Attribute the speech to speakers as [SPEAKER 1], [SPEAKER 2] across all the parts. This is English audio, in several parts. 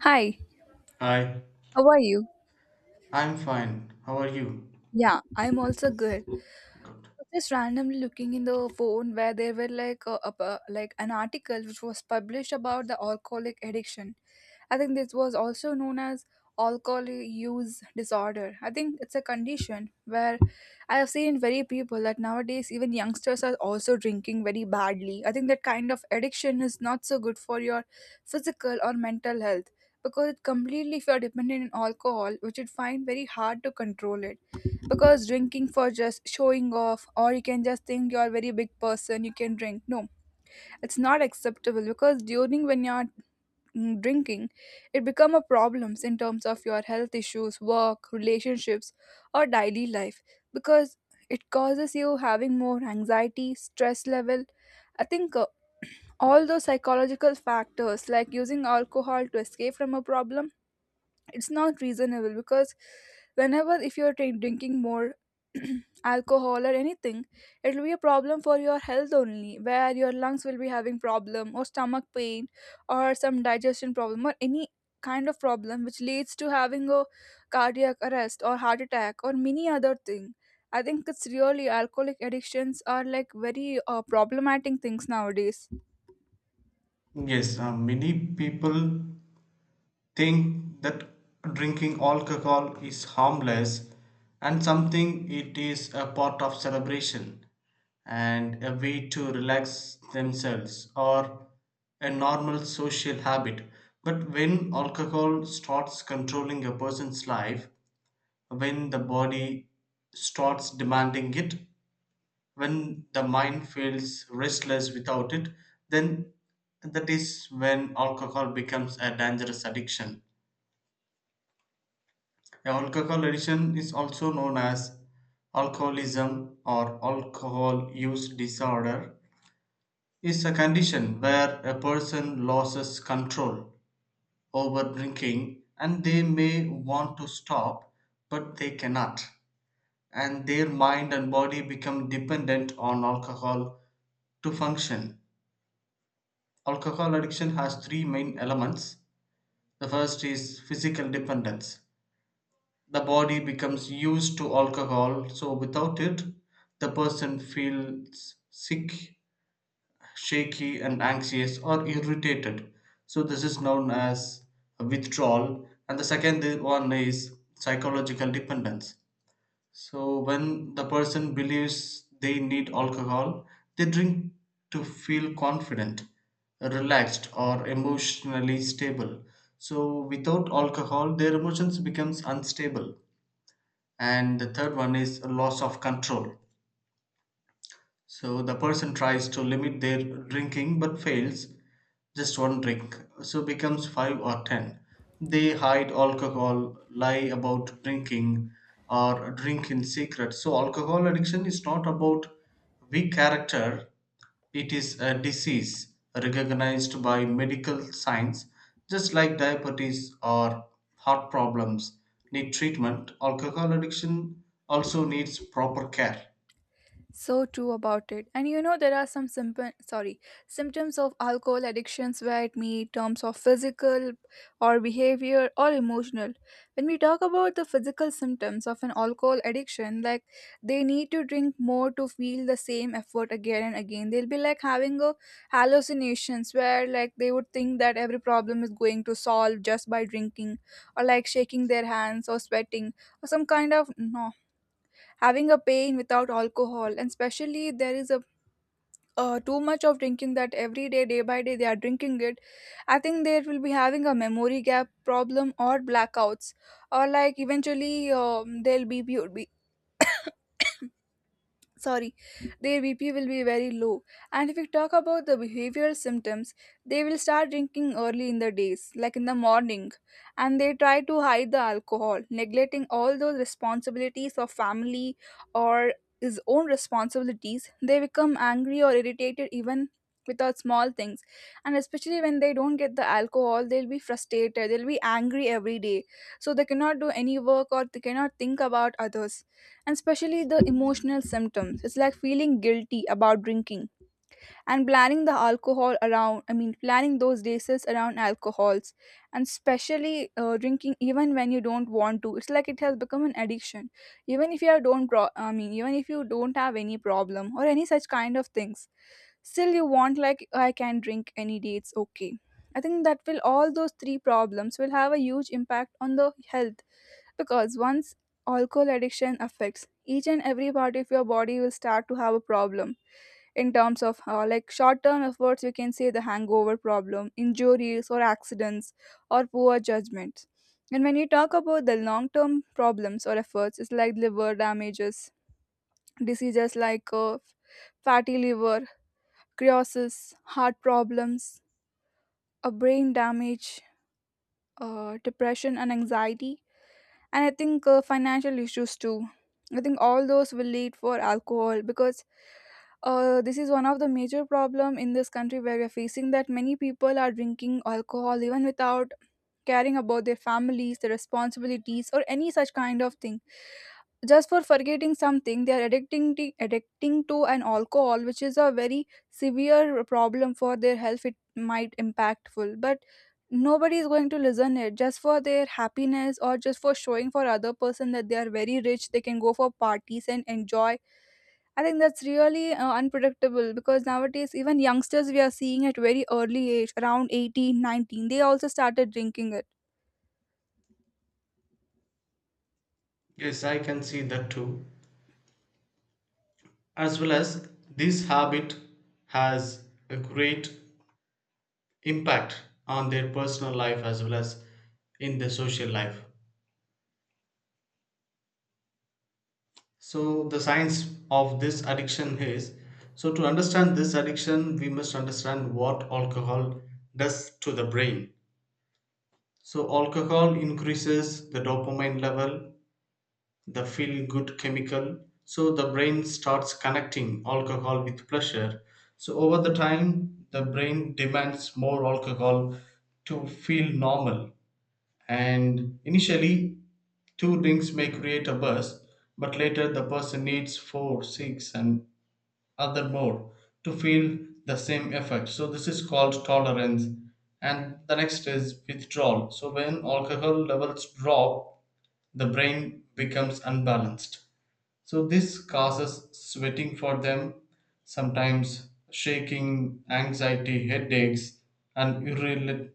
[SPEAKER 1] Hi,
[SPEAKER 2] Hi,
[SPEAKER 1] how are you?
[SPEAKER 2] I'm fine. How are you?
[SPEAKER 1] Yeah, I'm also good.
[SPEAKER 2] Good.
[SPEAKER 1] Was just randomly looking in the phone where there were like like an article which was published about the alcoholic addiction. I think this was also known as alcohol use disorder. I think it's a condition where I have seen very people that nowadays even youngsters are also drinking very badly. I think that kind of addiction is not so good for your physical or mental health, because it completely, if you are dependent on alcohol, which you find very hard to control it, because drinking for just showing off, or you can just think you're a very big person you can drink, no, it's not acceptable because during when you're drinking, it become a problems in terms of your health issues, work, relationships, or daily life, because it causes you having more anxiety, stress level. I think all those psychological factors, like using alcohol to escape from a problem, it's not reasonable because whenever if you're drinking more alcohol or anything, it will be a problem for your health only, where your lungs will be having problem, or stomach pain, or some digestion problem, or any kind of problem which leads to having a cardiac arrest or heart attack or many other thing. I think it's really alcoholic addictions are like very problematic things nowadays.
[SPEAKER 2] Yes, many people think that drinking alcohol is harmless and something it is a part of celebration and a way to relax themselves or a normal social habit. But when alcohol starts controlling a person's life, when the body starts demanding it, when the mind feels restless without it, then that is when alcohol becomes a dangerous addiction. Now, alcohol addiction is also known as alcoholism or alcohol use disorder, is a condition where a person loses control over drinking and they may want to stop but they cannot, and their mind and body become dependent on alcohol to function. Alcohol addiction has three main elements. The first is physical dependence. The body becomes used to alcohol, so without it, the person feels sick, shaky, and anxious or irritated. So, this is known as withdrawal. And the second one is psychological dependence. So when the person believes they need alcohol, they drink to feel confident, relaxed, or emotionally stable. So without alcohol, their emotions becomes unstable. And the third one is a loss of control. So the person tries to limit their drinking but fails, just one drink, so becomes 5 or 10. They hide alcohol, lie about drinking, or drink in secret. So, alcohol addiction is not about weak character, it is a disease recognized by medical science, just like diabetes or heart problems need treatment. Alcohol addiction also needs proper care.
[SPEAKER 1] So true about it. And you know, there are some simple, sorry, symptoms of alcohol addictions where it may terms of physical or behavior or emotional. When we talk about the physical symptoms of an alcohol addiction, like, they need to drink more to feel the same effort again and again. They'll be like having a hallucinations, where like they would think that every problem is going to solve just by drinking, or like shaking their hands or sweating, or some kind of, no, having a pain without alcohol, and especially there is a too much of drinking, that every day day by day they are drinking it. I think they will be having a memory gap problem or blackouts, or like eventually they'll be sorry, their BP will be very low. And if we talk about the behavioral symptoms, they will start drinking early in the days, like in the morning, and they try to hide the alcohol, neglecting all those responsibilities of family, or his own responsibilities. They become angry or irritated even without small things, and especially when they don't get the alcohol, they'll be frustrated, they'll be angry every day, so they cannot do any work, or they cannot think about others. And especially the emotional symptoms, it's like feeling guilty about drinking, and planning the alcohol around, I mean planning those races around alcohols, and especially drinking even when you don't want to. It's like it has become an addiction, even if you are don't pro- I mean, even if you don't have any problem or any such kind of things, still you want, like, I can drink any day, it's okay. I think that will, all those three problems will have a huge impact on the health, because once alcohol addiction affects, each and every part of your body will start to have a problem in terms of like short-term efforts, you can say the hangover problem, injuries or accidents, or poor judgments. And when you talk about the long-term problems or efforts, it's like liver damages, diseases like fatty liver, cirrhosis, heart problems, a brain damage, depression and anxiety. And I think financial issues too. I think all those will lead for alcohol, because this is one of the major problem in this country, where we're facing that many people are drinking alcohol even without caring about their families, their responsibilities, or any such kind of thing, just for forgetting something they are addicting to an alcohol, which is a very severe problem for their health. It might impactful, but nobody is going to listen it, just for their happiness or just for showing for other person that they are very rich, they can go for parties and enjoy. I think that's really unpredictable, because nowadays even youngsters we are seeing at very early age, around 18, 19, they also started drinking it.
[SPEAKER 2] Yes, I can see that too. As well as this habit has a great impact on their personal life as well as in their social life. So, the science of this addiction is, so to understand this addiction, we must understand what alcohol does to the brain. So, alcohol increases the dopamine level, the feel good chemical, so the brain starts connecting alcohol with pleasure, so over the time the brain demands more alcohol to feel normal. And initially two drinks may create a burst, but later the person needs 4, 6 and other more to feel the same effect, so this is called tolerance. And the next is withdrawal. So when alcohol levels drop, the brain becomes unbalanced, so this causes sweating for them, sometimes shaking, anxiety, headaches, and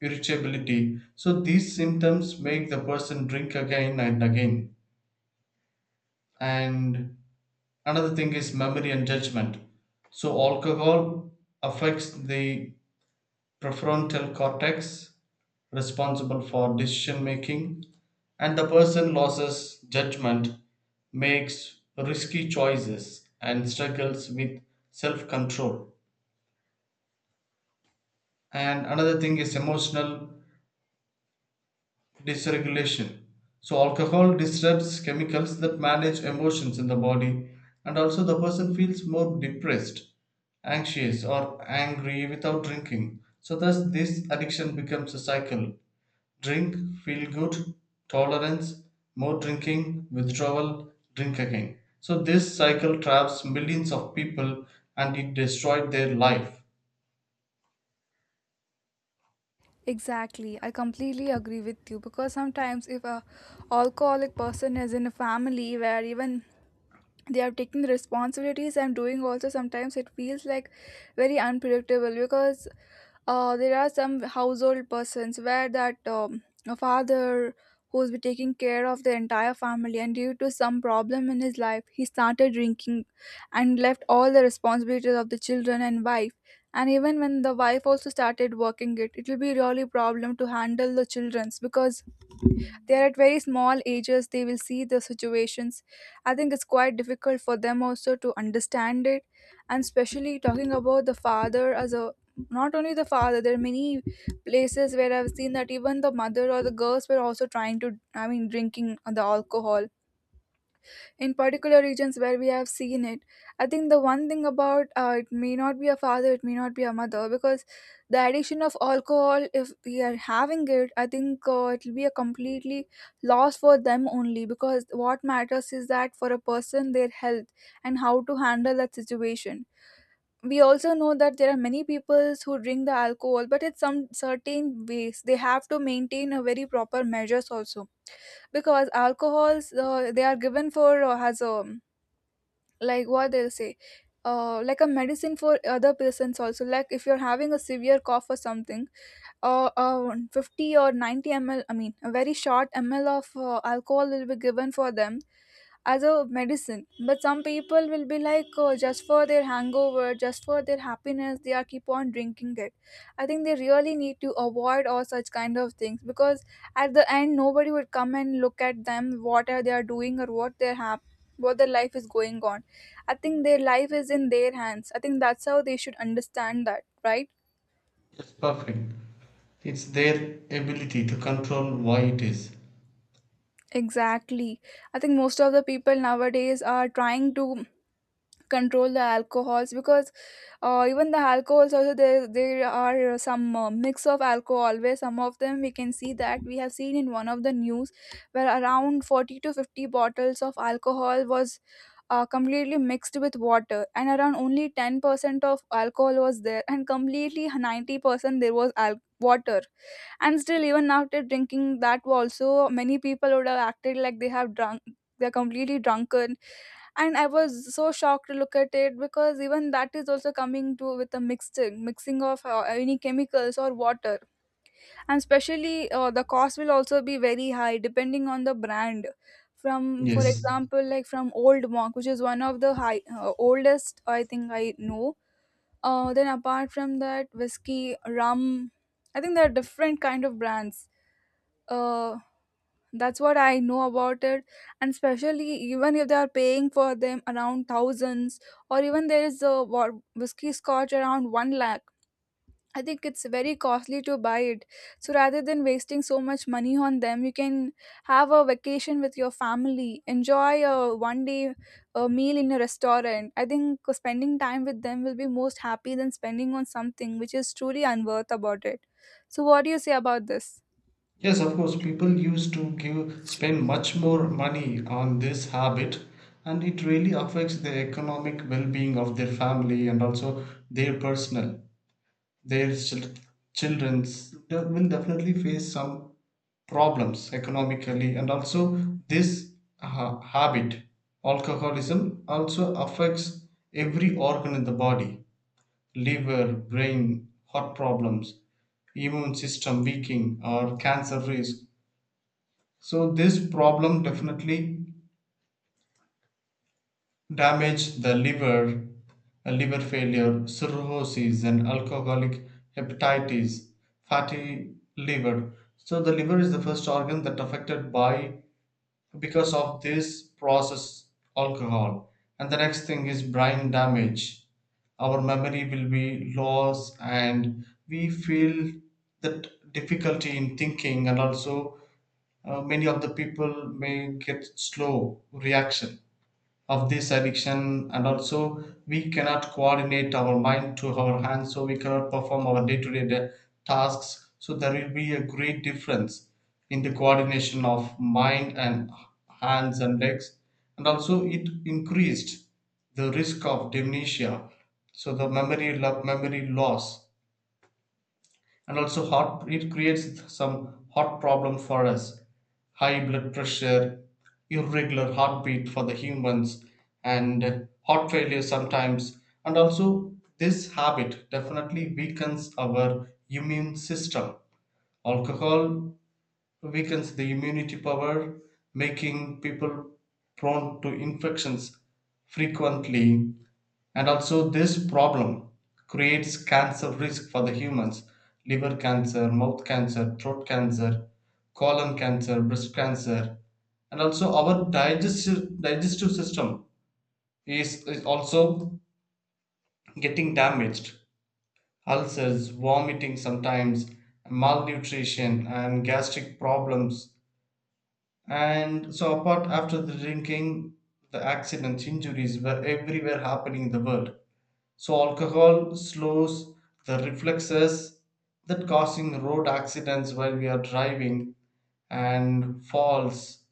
[SPEAKER 2] irritability. So these symptoms make the person drink again and again. And another thing is memory and judgment. So alcohol affects the prefrontal cortex, responsible for decision making, and the person loses judgment, makes risky choices, and struggles with self control. And another thing is emotional dysregulation. So, alcohol disrupts chemicals that manage emotions in the body, and also the person feels more depressed, anxious, or angry without drinking. So, thus, this addiction becomes a cycle. Drink, feel good, tolerance, more drinking, withdrawal, drink again. So this cycle traps millions of people and it destroyed their life.
[SPEAKER 1] Exactly. I completely agree with you, because sometimes if a alcoholic person is in a family where even they are taking the responsibilities, I'm doing also, sometimes it feels like very unpredictable, because there are some household persons where that a father who's been taking care of the entire family, and due to some problem in his life he started drinking and left all the responsibilities of the children and wife. And even when the wife also started working, it will be really problem to handle the children's, because they are at very small ages, they will see the situations. I think it's quite difficult for them also to understand it. And especially talking about the father as a, not only the father, there are many places where I've seen that even the mother or the girls were also trying to, I mean, drinking the alcohol in particular regions where we have seen it. I think the one thing about, it may not be a father, it may not be a mother, because the addiction of alcohol, if we are having it, I think it will be a completely loss for them only, because what matters is that for a person their health and how to handle that situation. We also know that there are many people who drink the alcohol, but it's some certain ways they have to maintain a very proper measures also, because alcohols they are given for as a, like what they'll say, like a medicine for other persons also, like if you're having a severe cough or something, 50 or 90 ml, I mean a very short ml of alcohol will be given for them as a medicine. But some people will be like, oh, just for their hangover, just for their happiness they are keep on drinking it. I think they really need to avoid all such kind of things, because at the end nobody would come and look at them, what are they are doing, or what they have, what their life is going on. I think their life is in their hands. I think that's how they should understand that, right?
[SPEAKER 2] It's perfect. It's their ability to control why it is.
[SPEAKER 1] Exactly. I think most of the people nowadays are trying to control the alcohols, because even the alcohols also, there are some mix of alcohol, where some of them we can see that we have seen in one of the news, where around 40 to 50 bottles of alcohol was completely mixed with water, and around only 10% of alcohol was there, and completely 90% there was water. And still even after drinking that also, many people would have acted like they have drunk, they're completely drunken. And I was so shocked to look at it, because even that is also coming to with a mixing of any chemicals or water. And especially the cost will also be very high depending on the brand. From, for
[SPEAKER 2] Yes.
[SPEAKER 1] example, like from Old Monk, which is one of the high oldest I think I know. Then apart from that, whiskey, rum, I think there are different kind of brands. uh, that's what I know about it. And especially even if they are paying for them around thousands, or even there is a whiskey scotch around 1 lakh. I think it's very costly to buy it. So rather than wasting so much money on them, you can have a vacation with your family, enjoy a one day, a meal in a restaurant. I think spending time with them will be most happy than spending on something which is truly unworth about it. So what do you say about this?
[SPEAKER 2] Yes, of course, people used to give spend much more money on this habit, and it really affects the economic well-being of their family and also their personal. Their childrens will definitely face some problems economically, and also this habit alcoholism also affects every organ in the body, liver, brain, heart problems, immune system weakening, or cancer risk. So this problem definitely damage the liver, liver failure, cirrhosis, and alcoholic hepatitis, fatty liver. So the liver is the first organ that affected by because of this process alcohol. And the next thing is brain damage. Our memory will be lost, and we feel that difficulty in thinking, and also many of the people may get slow reaction of this addiction, and also we cannot coordinate our mind to our hands, so we cannot perform our day-to-day tasks. So there will be a great difference in the coordination of mind and hands and legs, and also it increased the risk of dementia. So the memory memory loss. And also heart, it creates some heart problem for us, high blood pressure, irregular heartbeat for the humans, and heart failure sometimes. And also this habit definitely weakens our immune system. Alcohol weakens the immunity power, making people prone to infections frequently. And also, this problem creates cancer risk for the humans, liver cancer, mouth cancer, throat cancer, colon cancer, breast cancer. And also, our digestive system is also getting damaged. Ulcers, vomiting sometimes, malnutrition, and gastric problems. And so, apart after the drinking, the accidents, injuries were everywhere happening in the world. So, alcohol slows the reflexes that causing road accidents while we are driving, and falls,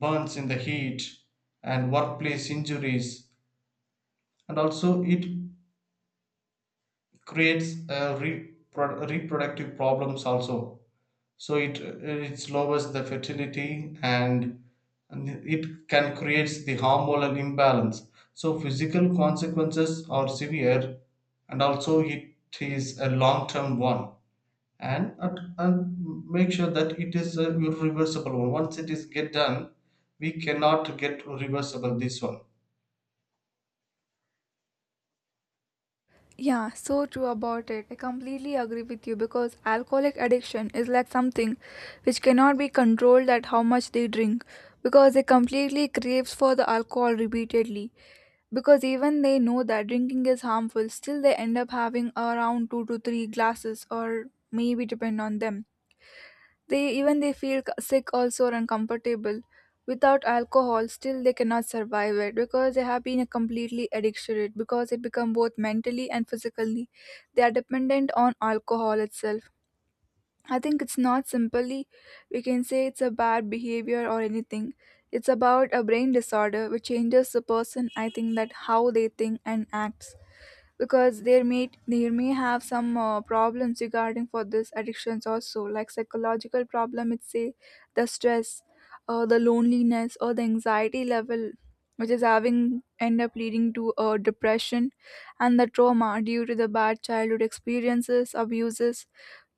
[SPEAKER 2] burns in the heat, and workplace injuries. And also, it creates reproductive problems also. So it lowers the fertility, and it can create the hormonal imbalance. So physical consequences are severe, and also it is a long term one, and make sure that it is a irreversible one once it is get done, we cannot get reversible this one.
[SPEAKER 1] Yeah, so true about it. I completely agree with you, because alcoholic addiction is like something which cannot be controlled at how much they drink, because they completely craves for the alcohol repeatedly. Because even they know that drinking is harmful, still they end up having around 2 to 3 glasses, or maybe depend on them. They, even they feel sick also or uncomfortable. Without alcohol, still they cannot survive it, because they have been completely addicted to it, because it become both mentally and physically. They are dependent on alcohol itself. I think it's not simply we can say it's a bad behavior or anything. It's about a brain disorder which changes the person, I think, that how they think and acts because there may have some problems regarding for this addictions also, like psychological problem it's say, the stress, the loneliness or the anxiety level which is having, end up leading to depression and the trauma due to the bad childhood experiences abuses,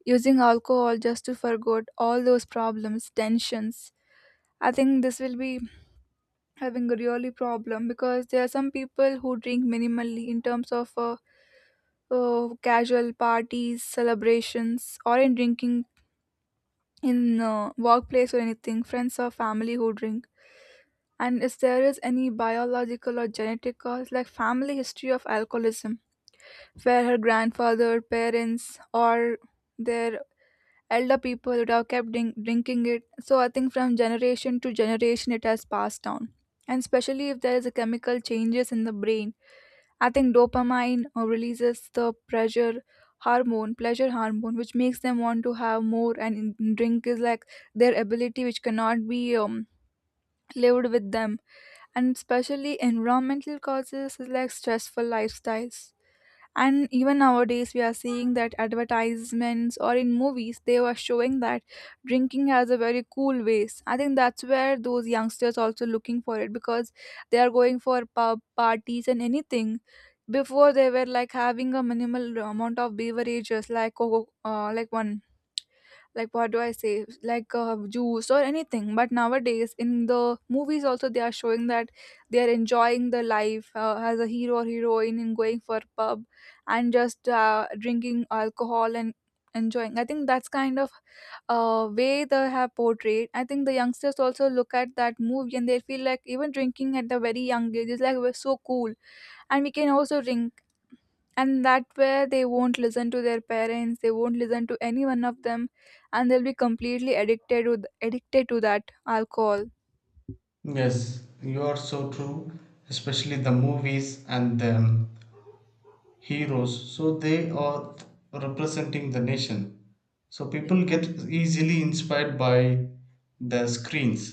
[SPEAKER 1] using alcohol just to forget all those problems tensions. I think this will be having a really problem because there are some people who drink minimally in terms of casual parties, celebrations, or in drinking in workplace or anything, friends or family who drink. And if there is any biological or genetic cause, like family history of alcoholism, where her grandfather, parents, or their elder people would have kept drinking it. So I think from generation to generation, it has passed down. And especially if there is a chemical changes in the brain, I think dopamine releases the pressure hormone, pleasure hormone, which makes them want to have more. And drink is like their ability, which cannot be lived with them. And especially environmental causes is like stressful lifestyles, and even nowadays we are seeing that advertisements or in movies they were showing that drinking has a very cool ways. I think that's where those youngsters also looking for it because they are going for pub parties and anything. Before, they were like having a minimal amount of beverages like coco, like one, like what do I say, like juice or anything. But nowadays, in the movies, also they are showing that they are enjoying the life as a hero or heroine in going for pub and just drinking alcohol and enjoying. I think that's kind of way they have portrayed. I think the youngsters also look at that movie and they feel like even drinking at the very young age is like we're so cool and we can also drink, and that where they won't listen to their parents, they won't listen to any one of them, and they'll be completely addicted to that alcohol.
[SPEAKER 2] Yes, you are so true, especially the movies and the heroes. So they are representing the nation, so people get easily inspired by the screens,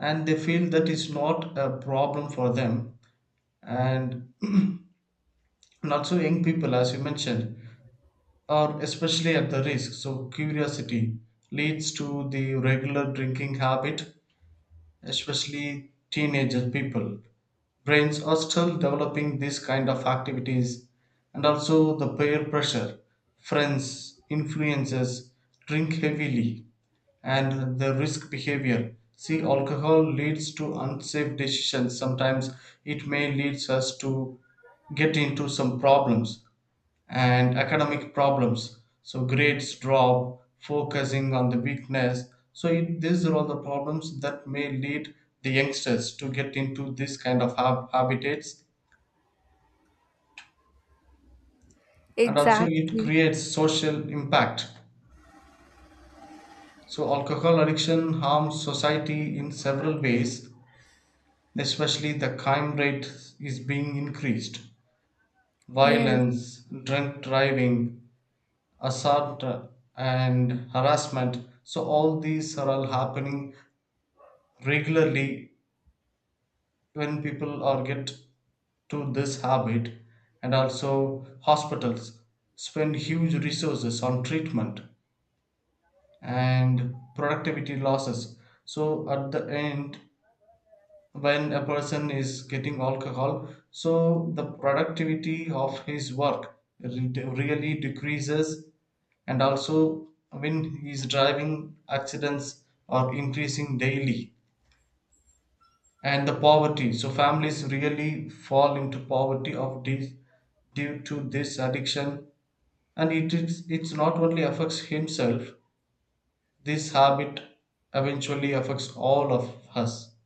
[SPEAKER 2] and they feel that is not a problem for them. And not so young people as you mentioned are especially at the risk. So curiosity leads to the regular drinking habit, especially teenager people, brains are still developing these kind of activities. And also the peer pressure, friends influences, drink heavily, and the risk behavior. See alcohol leads to unsafe decisions sometimes, it may leads us to get into some problems and academic problems. So grades drop, focusing on the weakness. So it, these are all the problems that may lead the youngsters to get into this kind of habitats, and also it
[SPEAKER 1] Exactly.
[SPEAKER 2] creates social impact. So alcohol addiction harms society in several ways, especially the crime rate is being increased.
[SPEAKER 1] Yes.
[SPEAKER 2] Violence, drunk driving, assault, and harassment. So all these are all happening regularly when people are get to this habit. And also hospitals spend huge resources on treatment and productivity losses. So at the end, when a person is getting alcohol, so the productivity of his work really decreases. And also when he is driving, accidents are increasing daily, and the poverty, so families really fall into poverty of this due to this addiction. And it is, it's not only affects himself, this habit eventually affects all of us.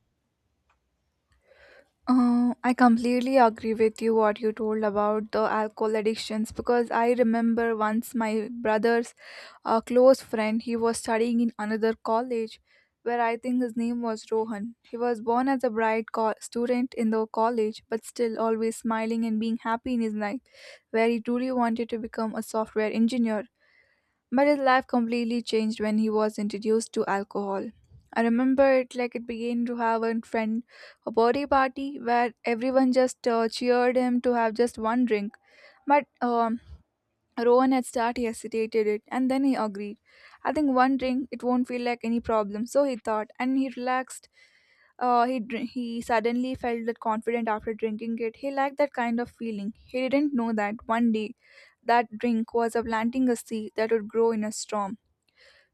[SPEAKER 1] I completely agree with you what you told about the alcohol addictions because I remember once my brother's close friend, he was studying in another college where I think his name was Rohan. He was born as a bright student in the college, but still always smiling and being happy in his life, where he truly wanted to become a software engineer, but his life completely changed when he was introduced to alcohol. I remember it like it began to have a friend, a birthday party where everyone just cheered him to have just one drink. But Rowan at start he hesitated it and then he agreed. I think one drink it won't feel like any problem, so he thought and he relaxed. He suddenly felt that confident after drinking it. He liked that kind of feeling. He didn't know that one day that drink was a planting a seed that would grow in a storm.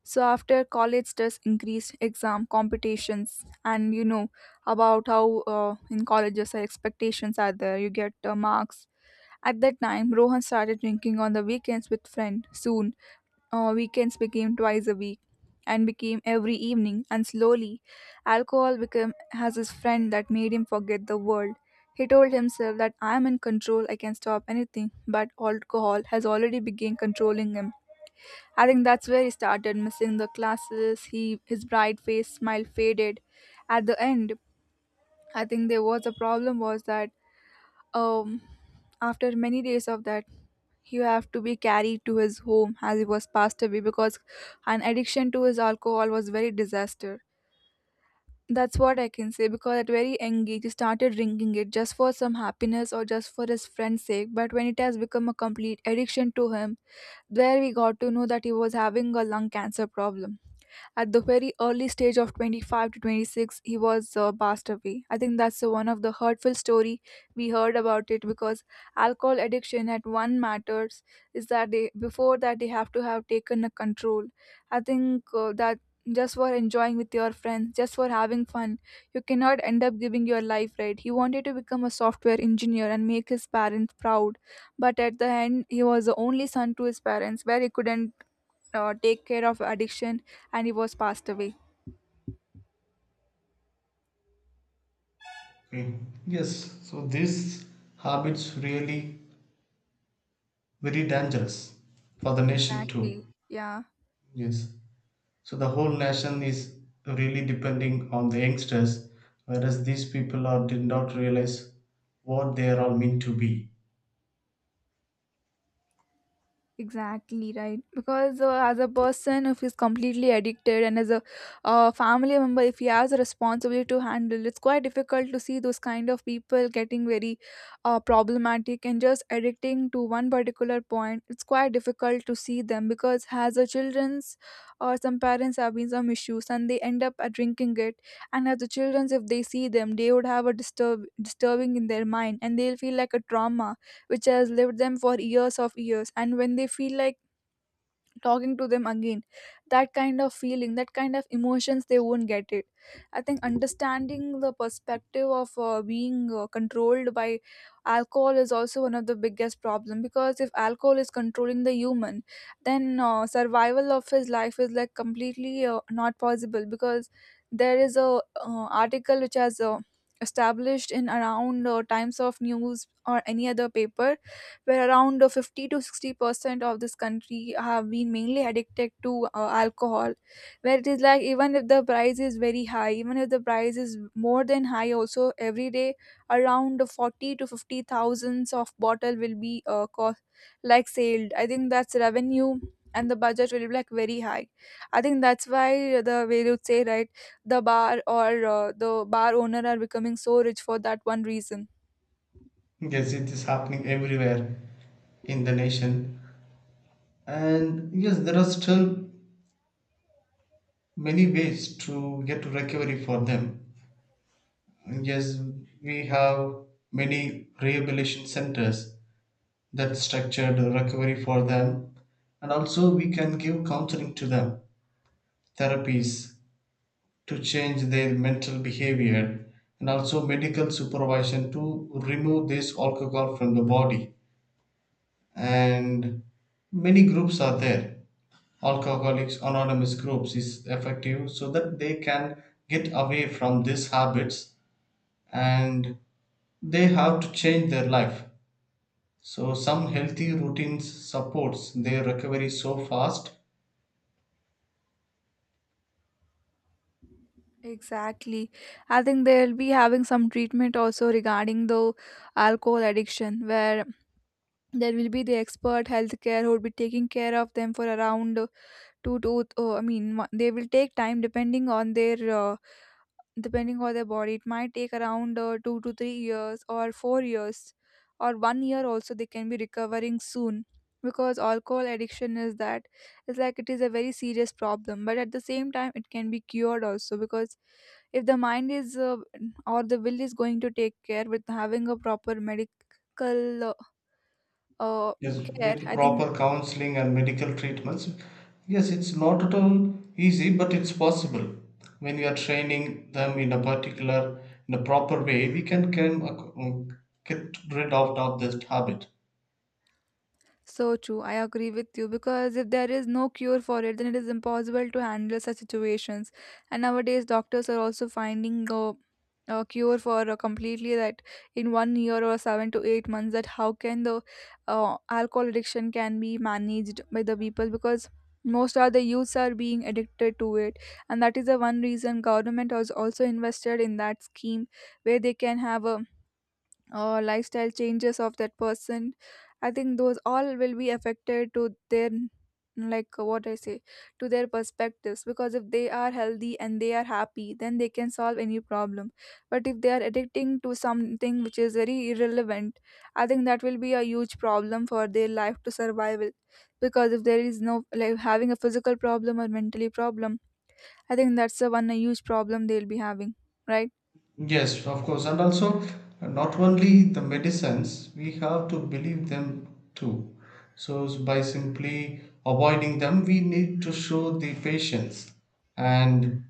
[SPEAKER 1] So after college, there's increased exam competitions, and you know about how in colleges our expectations are there. You get marks. At that time, Rohan started drinking on the weekends with friend. Soon, weekends became twice a week, and became every evening. And slowly, alcohol became has his friend that made him forget the world. He told himself that I am in control. I can stop anything, but alcohol has already begun controlling him. I think that's where he started missing the classes. He his bright face smile faded. At the end, I think there was a problem was that um after many days of that, he have to be carried to his home as he was passed away because an addiction to his alcohol was very disaster. That's what I can say because at very young age he started drinking it just for some happiness or just for his friend's sake. But when it has become a complete addiction to him, there we got to know that he was having a lung cancer problem at the very early stage of 25 to 26 he was passed away. I think that's one of the hurtful story we heard about it because alcohol addiction at one matters is that they before that they have to have taken a control. I think that just for enjoying with your friends, just for having fun, you cannot end up giving your life, right? He wanted to become a software engineer and make his parents proud, but at the end he was the only son to his parents where he couldn't take care of addiction, and he was passed away.
[SPEAKER 2] Okay. Yes, so these habits really very dangerous for the nation
[SPEAKER 1] Exactly,
[SPEAKER 2] too.
[SPEAKER 1] yeah.
[SPEAKER 2] Yes. So the whole nation is really depending on the youngsters, whereas these people are did not realize what they are all meant to be.
[SPEAKER 1] Exactly right. Because as a person, if he's completely addicted, and as a family member, if he has a responsibility to handle, it's quite difficult to see those kind of people getting very problematic and just addicting to one particular point. It's quite difficult to see them because as a children's or some parents have been some issues and they end up drinking it. And as the children's, if they see them, they would have a disturbing in their mind, and they'll feel like a trauma which has lived them for years of years, and when they feel like talking to them again, that kind of feeling, that kind of emotions, they won't get it. I think understanding the perspective of being controlled by alcohol is also one of the biggest problem because if alcohol is controlling the human, then survival of his life is like completely not possible, because there is a article which has established in around times of news or any other paper, where around 50 to 60% of this country have been mainly addicted to alcohol, where it is like even if the price is very high, even if the price is more than high also, every day around 40 to 50 thousands of bottle will be cost, like sold. I think that's revenue and the budget will be like very high. I think that's why, the way you say right, the bar or the bar owner are becoming so rich for that one reason.
[SPEAKER 2] Yes, it is happening everywhere in the nation. And yes, there are still many ways to get recovery for them. Yes, we have many rehabilitation centers that structured recovery for them. And also, we can give counseling to them, therapies to change their mental behavior, and also medical supervision to remove this alcohol from the body. And many groups are there, alcoholics anonymous groups is effective so that they can get away from these habits, and they have to change their life. So some healthy routines supports their recovery so fast.
[SPEAKER 1] Exactly. I think they'll be having some treatment also regarding the alcohol addiction, where there will be the expert healthcare who will be taking care of them for around two to, oh, I mean, they will take time depending on their body. It might take around 2 to 3 years or 4 years, or 1 year also they can be recovering soon, because alcohol addiction is that it's like it is a very serious problem, but at the same time it can be cured also, because if the mind is or the will is going to take care with having a proper medical uh,
[SPEAKER 2] Yes,
[SPEAKER 1] care,
[SPEAKER 2] with
[SPEAKER 1] I think.
[SPEAKER 2] proper counseling and medical treatments. Yes, it's not at all easy, but it's possible. When we are training them in a particular, in a proper way, we can get rid of this habit.
[SPEAKER 1] So true. I agree with you because if there is no cure for it, then it is impossible to handle such situations. And nowadays, doctors are also finding a cure for completely that in one year or seven to eight months, that how can the alcohol addiction can be managed by the people, because most of the youths are being addicted to it, and that is the one reason government has also invested in that scheme where they can have a or lifestyle changes of that person. I think those all will be affected to their, like what I say, to their perspectives, because if they are healthy and they are happy, then they can solve any problem. But if they are addicting to something which is very irrelevant, I think that will be a huge problem for their life to survival, because if there is no like having a physical problem or mentally problem, I think that's the one a huge problem they'll be having, right?
[SPEAKER 2] Yes, of course. And also, not only the medicines, we have to believe them too. So, by simply avoiding them, we need to show the patience, and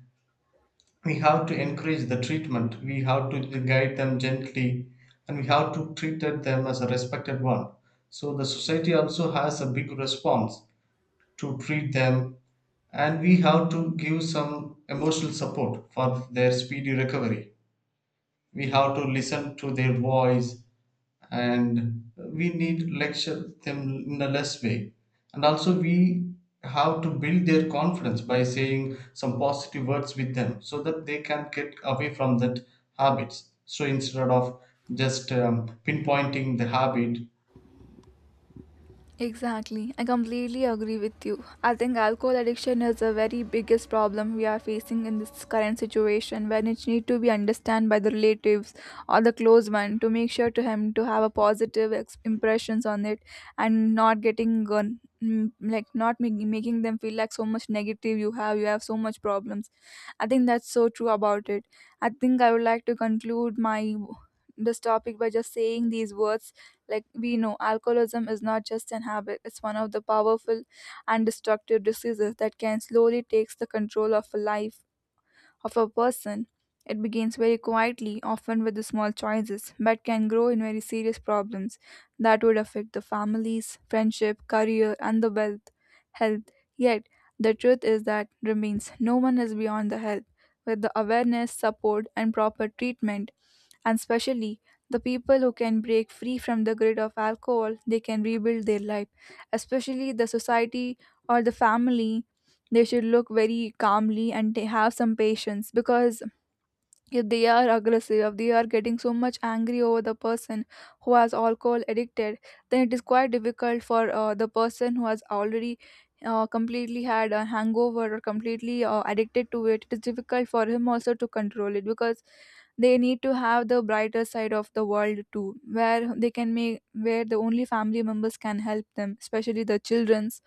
[SPEAKER 2] we have to encourage the treatment, we have to guide them gently, and we have to treat them as a respected one. So the society also has a big response to treat them, and we have to give some emotional support for their speedy recovery. We have to listen to their voice, and we need lecture them in a less way. And also we have to build their confidence by saying some positive words with them so that they can get away from that habits. So instead of just pinpointing the habit,
[SPEAKER 1] Exactly. I completely agree with you. I think alcohol addiction is the very biggest problem we are facing in this current situation, when it need to be understood by the relatives or the close one to make sure to him to have a positive impressions on it, and not getting like not making them feel like so much negative, you have so much problems. I think that's so true about it. I think I would like to conclude my this topic by just saying these words, like we know alcoholism is not just an habit, it's one of the powerful and destructive diseases that can slowly takes the control of a life of a person. It begins very quietly, often with the small choices, but can grow in very serious problems that would affect the families, friendship, career, and the wealth health. Yet the truth is that remains no one is beyond the help. With the awareness, support and proper treatment, and especially the people who can break free from the grid of alcohol, they can rebuild their life. Especially the society or the family, they should look very calmly and they have some patience, because if they are aggressive, if they are getting so much angry over the person who has alcohol addicted, then it is quite difficult for the person who has already completely had a hangover or completely addicted to it. It is difficult for him also to control it because they need to have the brighter side of the world too, where they can make, where the only family members can help them, especially the children's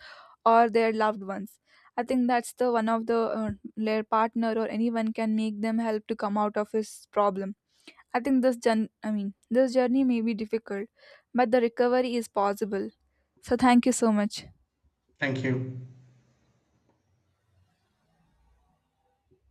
[SPEAKER 1] or their loved ones. I think that's the one of the their partner or anyone can make them help to come out of his problem. I think this gen I mean this journey may be difficult, but the recovery is possible. So thank you so much.
[SPEAKER 2] thank you.